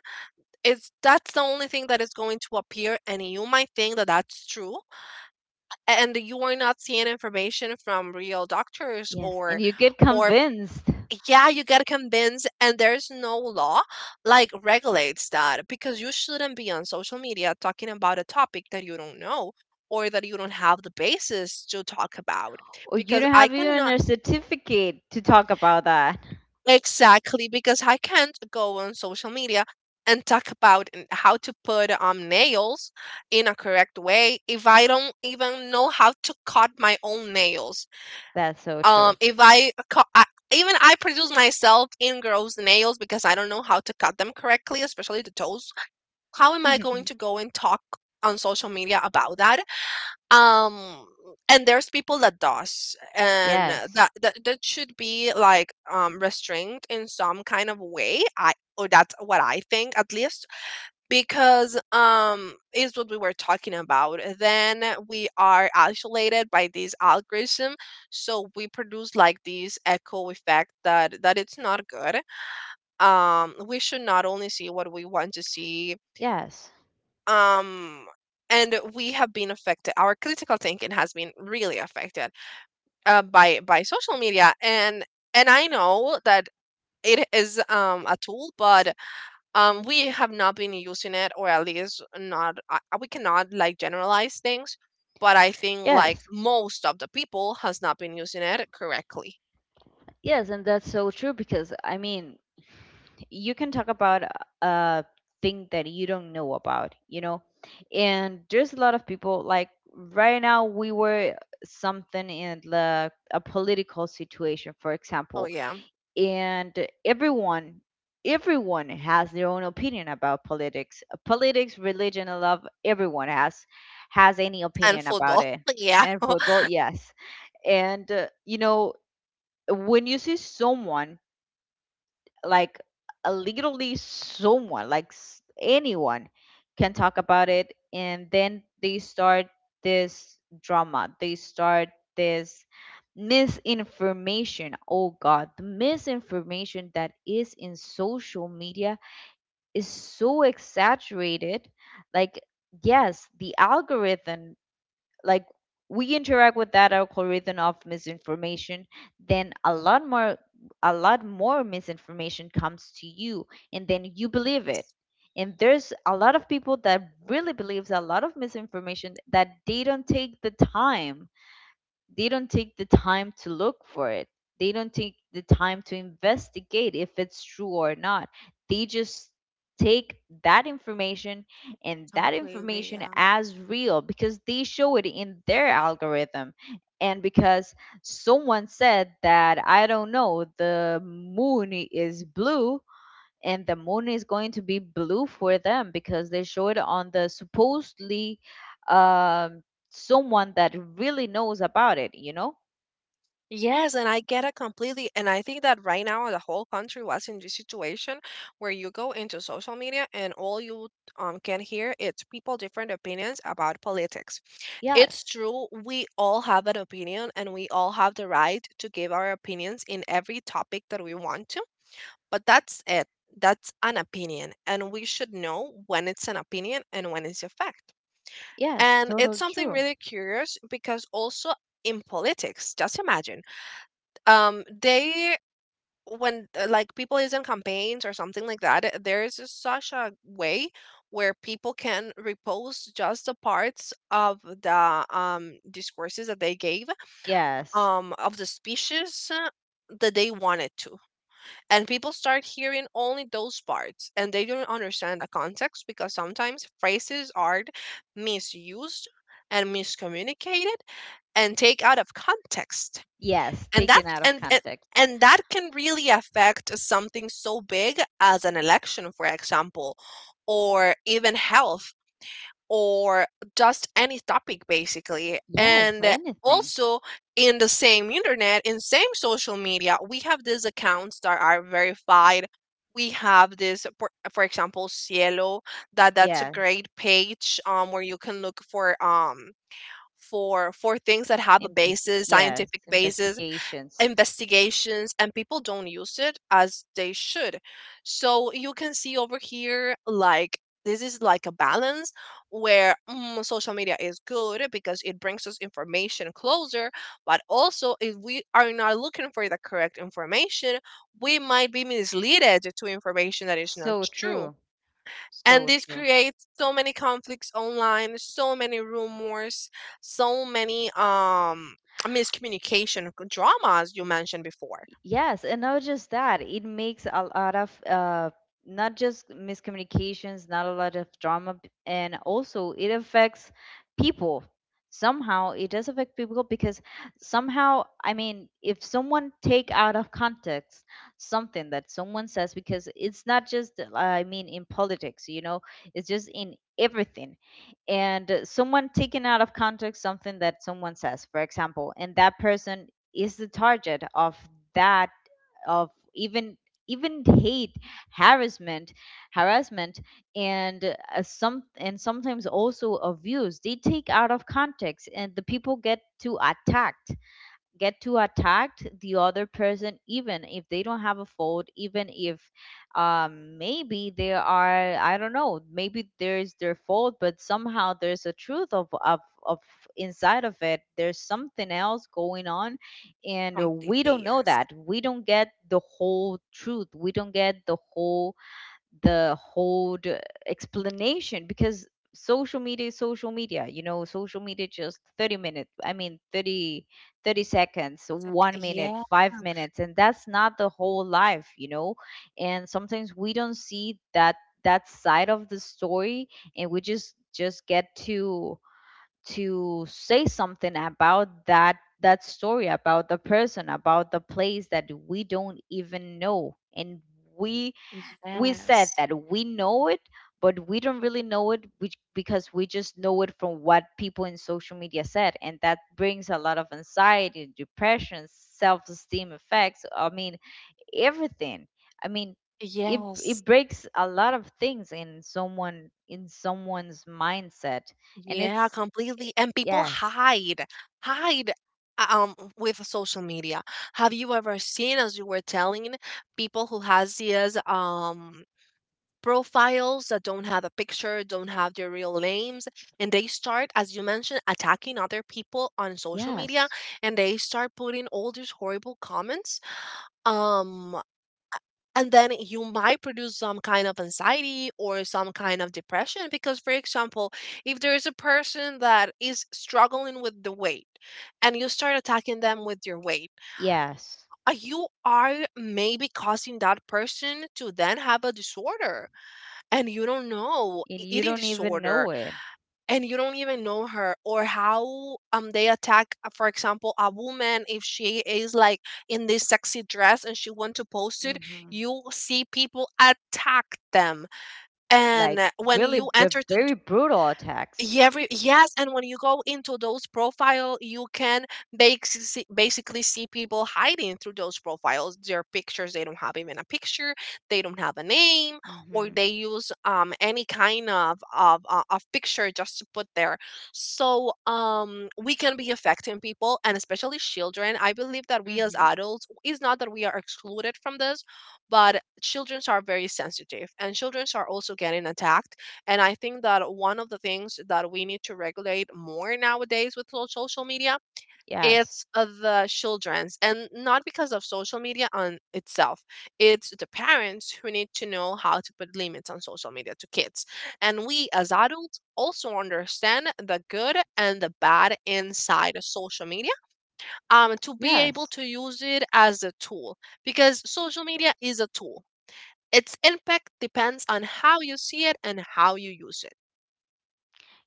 S1: it's that's the only thing that is going to appear, and you might think that that's true, and you are not seeing information from real doctors
S2: Yes. And
S1: or.
S2: you get
S1: Or
S2: convinced
S1: yeah, you get convinced, and there's no law like regulates that, because you shouldn't be on social media talking about a topic that you don't know, or that you don't have the basis to talk about.
S2: or you
S1: Because
S2: don't
S1: I
S2: have even
S1: cannot
S2: a certificate to talk about that.
S1: Exactly, because I can't go on social media and talk about how to put nails in a correct way if I don't even know how to cut my own nails.
S2: That's so true.
S1: If I cut, I even I produce myself in girls' nails because I don't know how to cut them correctly, especially the toes. How am I going to go and talk on social media about that? um and there's people that does, and
S2: Yes,
S1: that that should be like restrained in some kind of way, I, or that's what I think at least, because is what we were talking about, then we are isolated by this algorithm, so we produce like this echo effect that that it's not good. We should not only see what we want to see.
S2: yes,
S1: um and we have been affected, our critical thinking has been really affected by social media, and I know that it is a tool, but we have not been using it, or at least not we cannot like generalize things, but I think like
S2: yes,
S1: most of the people has not been using it correctly.
S2: yes, and that's so true because I mean, you can talk about a thing that you don't know about, you know, and there's a lot of people like right now we were something in the a political situation, for
S1: Oh
S2: example,
S1: yeah,
S2: and everyone has their own opinion about politics, politics, religion, and love. Everyone has any
S1: and
S2: opinion about
S1: football.
S2: it,
S1: Yeah.
S2: and football, yes. And you know, when you see someone like literally someone like anyone can talk about it, and then they start this drama, they start this misinformation. Oh god, the misinformation that is in social media is so exaggerated. Like, yes, the algorithm, like, we interact with that algorithm of misinformation, then a lot more, a lot more misinformation comes to you, and then you believe it. And there's a lot of people that really believes a lot of misinformation, that they don't take the time, they don't take the time to look for it. They don't take the time to investigate if it's true or not. They just take that information, and that
S1: Completely,
S2: information
S1: yeah.
S2: as real because they show it in their algorithm. And because someone said that, I don't know, the moon is blue, and the moon is going to be blue for them because they showed on the supposedly, um, someone that really knows about it, you know.
S1: Yes, and I get it completely. And I think that right now the whole country was in this situation where you go into social media and all you can hear it's people different opinions about politics. It's
S2: Yes.
S1: true, we all have an opinion and we all have the right to give our opinions in every topic that we want to, but that's it. That's an opinion, and we should know when it's an opinion and when it's a fact.
S2: Yes,
S1: And it's
S2: totally
S1: something
S2: true.
S1: really curious because also in politics, just imagine they when like people is in campaigns or something like that, there is a- such a way where people can repost just the parts of the discourses that they gave
S2: Yes.
S1: of the speeches that they wanted to, and people start hearing only those parts and they don't understand the context, because sometimes phrases are misused and miscommunicated and take out of context,
S2: Yes,
S1: and that
S2: taken out of
S1: and, and
S2: context.
S1: and that can really affect something so big as an election, for example, or even health, or just any topic basically.
S2: Yes,
S1: And
S2: anything.
S1: also, in the same internet, in same social media, we have these accounts that are verified. We have this for example, Cielo, that that's a
S2: Yes.
S1: great page where you can look for things that have a basis,
S2: Yes,
S1: scientific basis,
S2: investigations.
S1: investigations, and people don't use it as they should. So you can see over here, like, this is like a balance where social media is good because it brings us information closer, but also if we are not looking for the correct information, we might be misled to information that is not
S2: So
S1: true.
S2: true,
S1: And
S2: so
S1: this
S2: true.
S1: creates so many conflicts online, so many rumors, so many miscommunication, drama, as you mentioned before.
S2: Yes, and not just that, it makes a lot of not just miscommunications, not a lot of drama, and also it affects people. Somehow it does affect people because somehow, I mean, if someone take out of context something that someone says, because it's not just, I mean, in politics, you know, it's just in everything. And someone taking out of context something that someone says, for example, and that person is the target of that, of even, even hate, harassment, harassment. And sometimes also abuse, they take out of context and the people get to attacked, get to attack the other person even if they don't have a fault, even if, um, maybe they are, I don't know, maybe there's their fault, but somehow there's a truth of inside of it, there's something else going on. And we
S1: Completely,
S2: don't know
S1: yes.
S2: that, we don't get the whole truth, we don't get the whole, the whole explanation because social media is social media, you know. Social media just 30 minutes, I mean 30, 30 seconds,
S1: Like,
S2: 1 minute,
S1: yeah.
S2: 5 minutes, and that's not the whole life, you know. And sometimes we don't see that, that side of the story, and we just get to say something about that, that story about the person, about the place that we don't even know. And we we said that we know it, but we don't really know it, which, because we just know it from what people in social media said. And that brings a lot of anxiety, depression, self-esteem effects. I mean, everything. I mean, it breaks a lot of things in someone, in someone's mindset. And
S1: Yeah,
S2: it's,
S1: completely, and people
S2: yes.
S1: hide with social media. Have you ever seen, as you were telling, people who has these profiles that don't have a picture, don't have their real names, and they start, as you mentioned, attacking other people on social media,
S2: Yes.
S1: and they start putting all these horrible comments. Um, and then you might produce some kind of anxiety or some kind of depression because, for example, if there is a person that is struggling with the weight and you start attacking them with your weight,
S2: Yes,
S1: you are maybe causing that person to then have a disorder and you don't know
S2: and you
S1: eating
S2: don't even
S1: disorder.
S2: know it.
S1: And you don't even know her or how they attack, for example, a woman, if she is like in this sexy dress and she want to post it,
S2: Hmm.
S1: you see people attack them. And
S2: Like
S1: when
S2: really
S1: you enter to,
S2: very brutal attacks.
S1: yeah, yes, and when you go into those profile, you can basically see people hiding through those profiles. Their pictures, they don't have even a picture, they don't have a name, or
S2: Hmm.
S1: they use any kind of of picture just to put there. So we can be affecting people and especially children. I believe that we as
S2: Mm-hmm.
S1: adults is not that we are excluded from this, but childrens are very sensitive and childrens are also getting attacked. And I think that one of the things that we need to regulate more nowadays with social media,
S2: Yes.
S1: it's the children's, and not because of social media on itself, it's the parents who need to know how to put limits on social media to kids, and we as adults also understand the good and the bad inside of social media, to be able
S2: Yes.
S1: to use it as a tool, because social media is a tool. Its impact depends on how you see it and how you use it.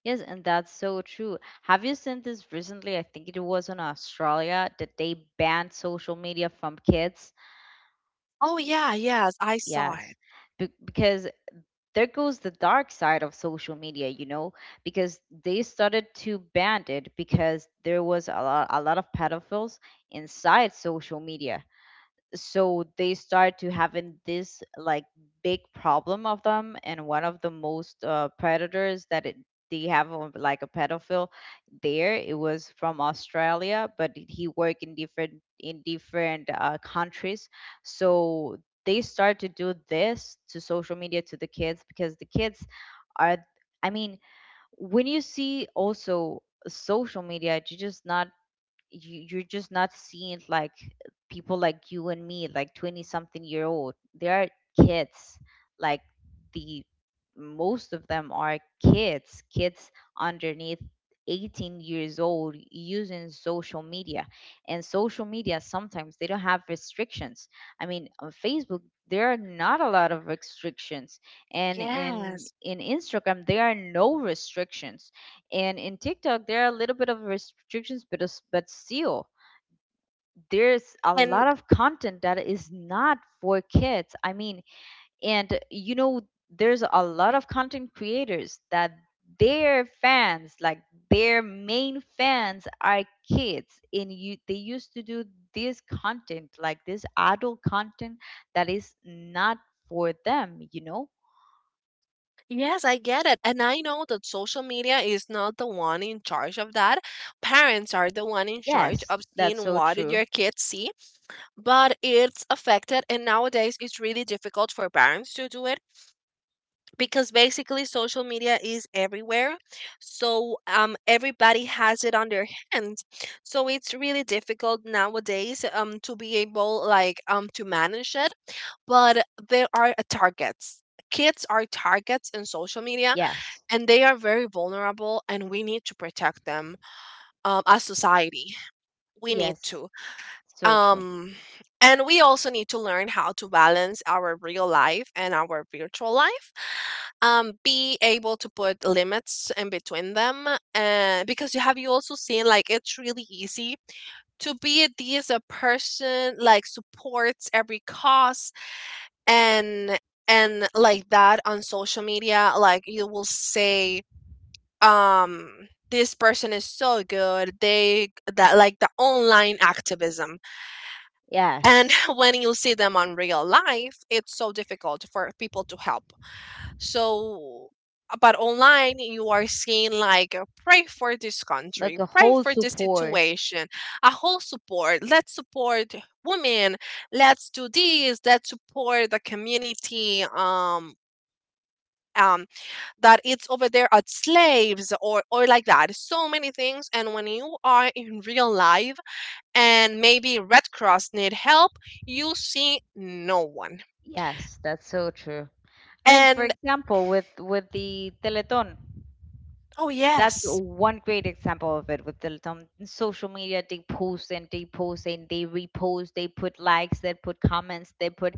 S2: Yes, and that's so true. Have you seen this recently? I think it was in Australia that they banned social media from kids.
S1: Oh, yeah, yes, I saw
S2: Yes.
S1: it.
S2: Because there goes the dark side of social media, you know, because they started to ban it because there was a lot of pedophiles inside social media. So they start to having this like big problem of them. And one of the most predators that it, they have of, like a pedophile, there it was from Australia, but he worked in different, in different countries. So they start to do this to social media to the kids, because the kids are, I mean, when you see also social media, you just not, you're just not seeing like people like you and me, like 20 something year old. They are kids, like, the most of them are kids, kids underneath 18 years old using social media. And social media sometimes they don't have restrictions. I mean, on Facebook there are not a lot of restrictions, and in Instagram there are no restrictions, and in TikTok, there are a little bit of restrictions, but but still, there's a
S1: And
S2: lot of content that is not for kids. I mean, and you know, there's a lot of content creators that their fans, like, their main fans are kids, and you they used to do this content, like this adult content that is not for them. You know?
S1: yes, I get it. And I know that social media is not the one in charge of that. Parents are the one in charge
S2: Yes,
S1: of
S2: that's
S1: seeing
S2: so
S1: what did
S2: true.
S1: your kids see, but it's affected and nowadays it's really difficult for parents to do it because basically social media is everywhere. So everybody has it on their hands. So it's really difficult nowadays to be able like to manage it, but they are a targets. Kids are targets in social media
S2: Yes,
S1: and they are very vulnerable and we need to protect them, as society. We need
S2: yes,
S1: to.
S2: so true.
S1: Um, and we also need to learn how to balance our real life and our virtual life. Be able to put limits in between them. And because you have you also seen like it's really easy to be this a person like supports every cause, and and like that on social media, like you will say, this person is so good, they that like the online activism and
S2: Yes.
S1: when you see them on real life, it's so difficult for people to help. So, but online you are seeing like, pray for this
S2: Like
S1: country,
S2: a
S1: pray
S2: whole
S1: for this
S2: support.
S1: situation, a whole support, let's support women, let's do this, let's support the community, um that it's over there at slaves, or like that, so many things. And when you are in real life and maybe red cross need help, you see no one.
S2: Yes, that's so true. I mean, for
S1: And
S2: example, with the Teleton,
S1: oh
S2: that's
S1: yes,
S2: one great example of it, with Teleton. Social media, they post and they post and they repost, they put likes, they put comments, they put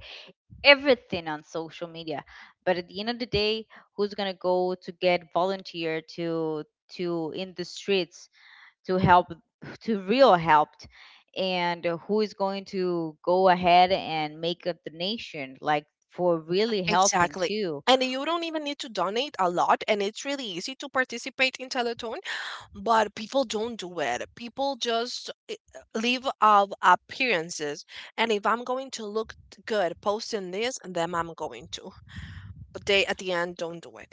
S2: everything on social media. But at the end of the day, who's gonna go to get volunteer to in the streets, to help, to real help, and who is going to go ahead and make a donation like for really helping
S1: exactly.
S2: too?
S1: And you don't even need to donate a lot, and it's really easy to participate in telethon, but people don't do it. People just live of appearances, and if I'm going to look good posting this, then I'm going to. But they, at the end, don't do it.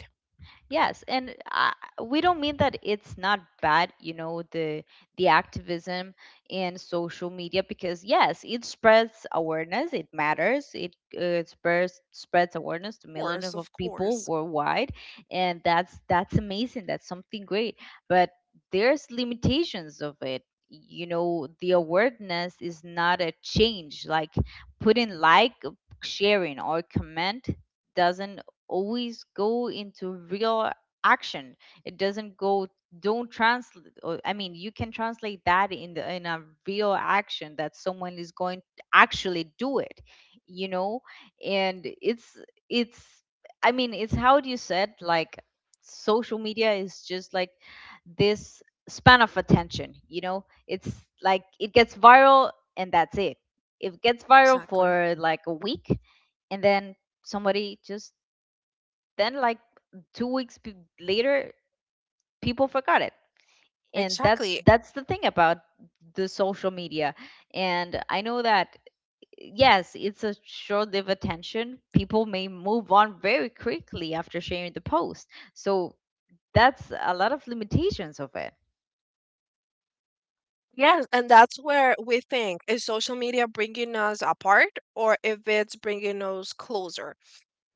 S2: Yes, and I, we don't mean that it's not bad, you know, the activism in social media, because yes, it spreads awareness. It matters. It spreads, spreads awareness to
S1: Of course,
S2: millions of
S1: of
S2: people
S1: course.
S2: worldwide, and that's amazing. That's something great. But there's limitations of it. You know, the awareness is not a change. Like, putting like, sharing, or comment doesn't always go into real action. It doesn't go, don't translate or, I mean, you can translate that in the in a real action that someone is going to actually do it, you know. And it's, I mean, it's how you said, like, social media is just like this span of attention, you know. It's like, it gets viral, and that's it, it gets viral
S1: Exactly.
S2: for like a week, and then somebody just then like 2 weeks later, people forgot it. And that's
S1: Exactly.
S2: that's the thing about the social media. And I know that yes, it's a short-lived attention, people may move on very quickly after sharing the post. So that's a lot of limitations of it.
S1: Yes, and that's where we think is social media bringing us apart or if it's bringing us closer?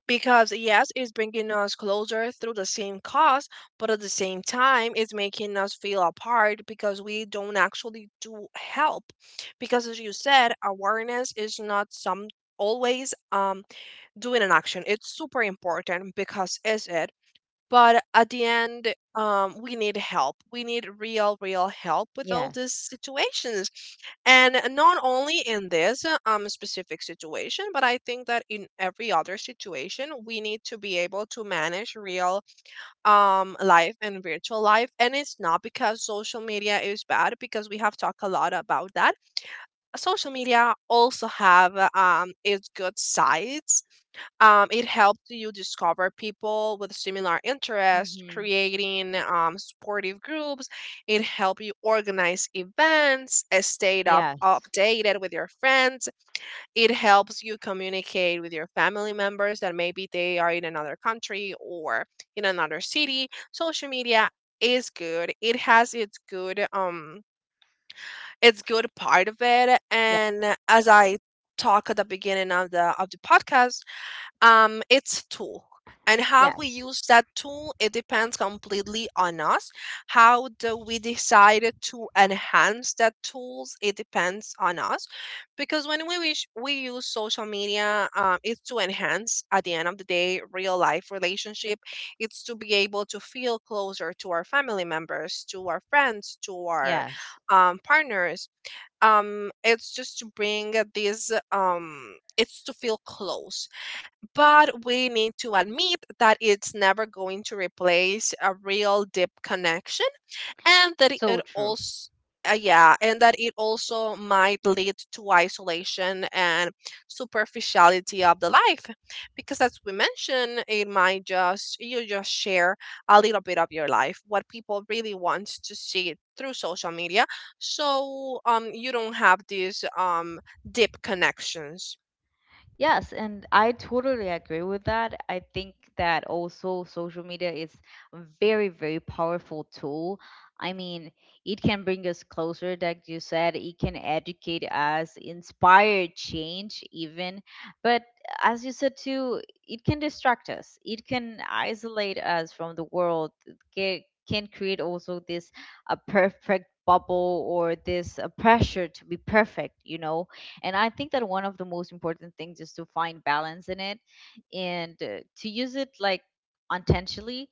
S1: Because yes, it's bringing us closer through the same cause, but at the same time, it's making us feel apart because we don't actually do help. Because as you said, awareness is not some always doing an action. It's super important because is it, but at the end, we need help, we need real real help with all these
S2: Yes.
S1: situations, and not only in this, specific situation, but I think that in every other situation we need to be able to manage real, life and virtual life. And it's not because social media is bad, because we have talked a lot about that. Social media also have, its good sides. It helped you discover people with similar interests,
S2: Hmm.
S1: creating supportive groups. It helped you organize events, stay up
S2: Yes.
S1: updated with your friends. It helps you communicate with your family members that maybe they are in another country or in another city. Social media is good. It has its good part of it.
S2: Yeah.
S1: And as I talk at the beginning of the podcast, it's tool, and how we
S2: Yes.
S1: use that tool it depends completely on us. How do we decide to enhance that tools it depends on us, because when we wish we use social media, it's to enhance at the end of the day real life relationship. It's to be able to feel closer to our family members, to our friends, to our,
S2: Yes.
S1: partners. It's just to bring this it's to feel close, but we need to admit that it's never going to replace a real deep connection, and that it
S2: So true.
S1: also yeah, and that it also might lead to isolation and superficiality of the life, because as we mentioned, it might just you just share a little bit of your life, what people really want to see through social media. So you don't have these deep connections.
S2: Yes, and I totally agree with that. I think that also social media is a very, very powerful tool. I mean, it can bring us closer, like you said, it can educate us, inspire change, even. But as you said too, it can distract us, it can isolate us from the world, it can create also this a perfect bubble or this a pressure to be perfect, you know. And I think that one of the most important things is to find balance in it, and to use it like intentionally,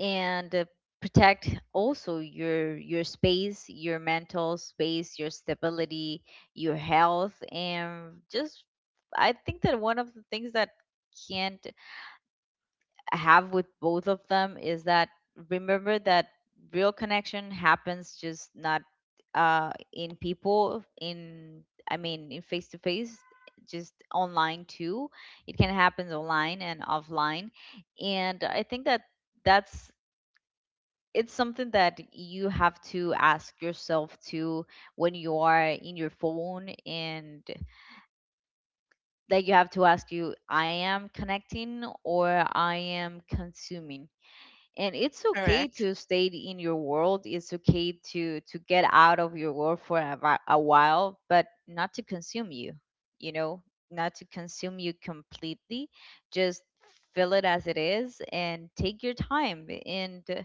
S2: and protect also your space, your mental space, your stability, your health. And just, I think that one of the things that can't have with both of them is that, remember that real connection happens just not, uh, in people in, I mean, in face to face, just online too. It can happen online and offline. And I think that that's, it's something that you have to ask yourself too, when you are in your phone, and that you have to ask you, I am connecting or I am consuming. And it's okay
S1: Correct.
S2: to stay in your world, it's okay to get out of your world for a, a while, but not to consume you. You know, not to consume you completely. Just feel it as it is and take your time. And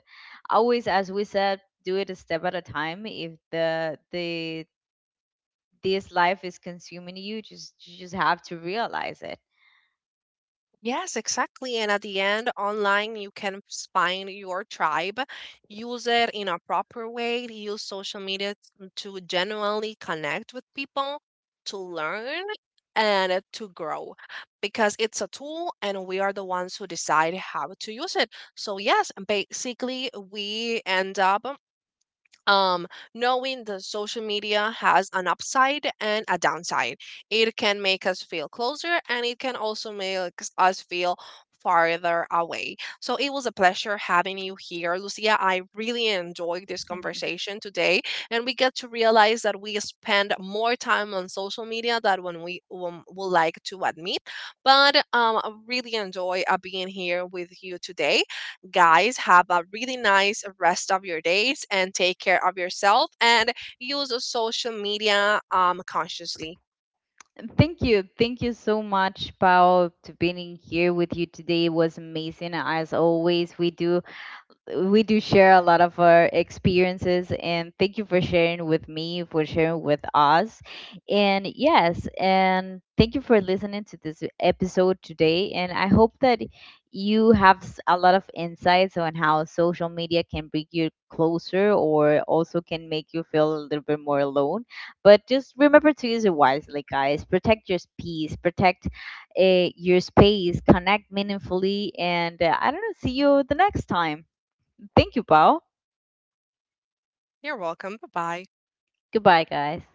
S2: always, as we said, do it a step at a time. If the this life is consuming you, just, you just have to realize it.
S1: Yes, exactly. And at the end, online, you can find your tribe, use it in a proper way, use social media to genuinely connect with people, to learn and, to grow, because it's a tool and we are the ones who decide how to use it. So, yes, basically, we end up, um, knowing that social media has an upside and a downside. It can make us feel closer and it can also make us feel farther away. So it was a pleasure having you here, Lucia. I really enjoyed this conversation today, and we get to realize that we spend more time on social media than when we, would like to admit. But I really enjoy being here with you today guys. Have a really nice rest of your days and take care of yourself, and use social media, consciously.
S2: Thank you. Thank you so much, Paul, to being here with you today. It was amazing. As always, we do share a lot of our experiences, and thank you for sharing with me, for sharing with us. And yes, and thank you for listening to this episode today. And I hope that you have a lot of insights on how social media can bring you closer or also can make you feel a little bit more alone. But just remember to use it wisely, guys. Protect your peace, protect, your space, connect meaningfully. And I don't know, see you the next time. Thank you, Paul.
S1: You're welcome. Bye bye.
S2: Goodbye, guys.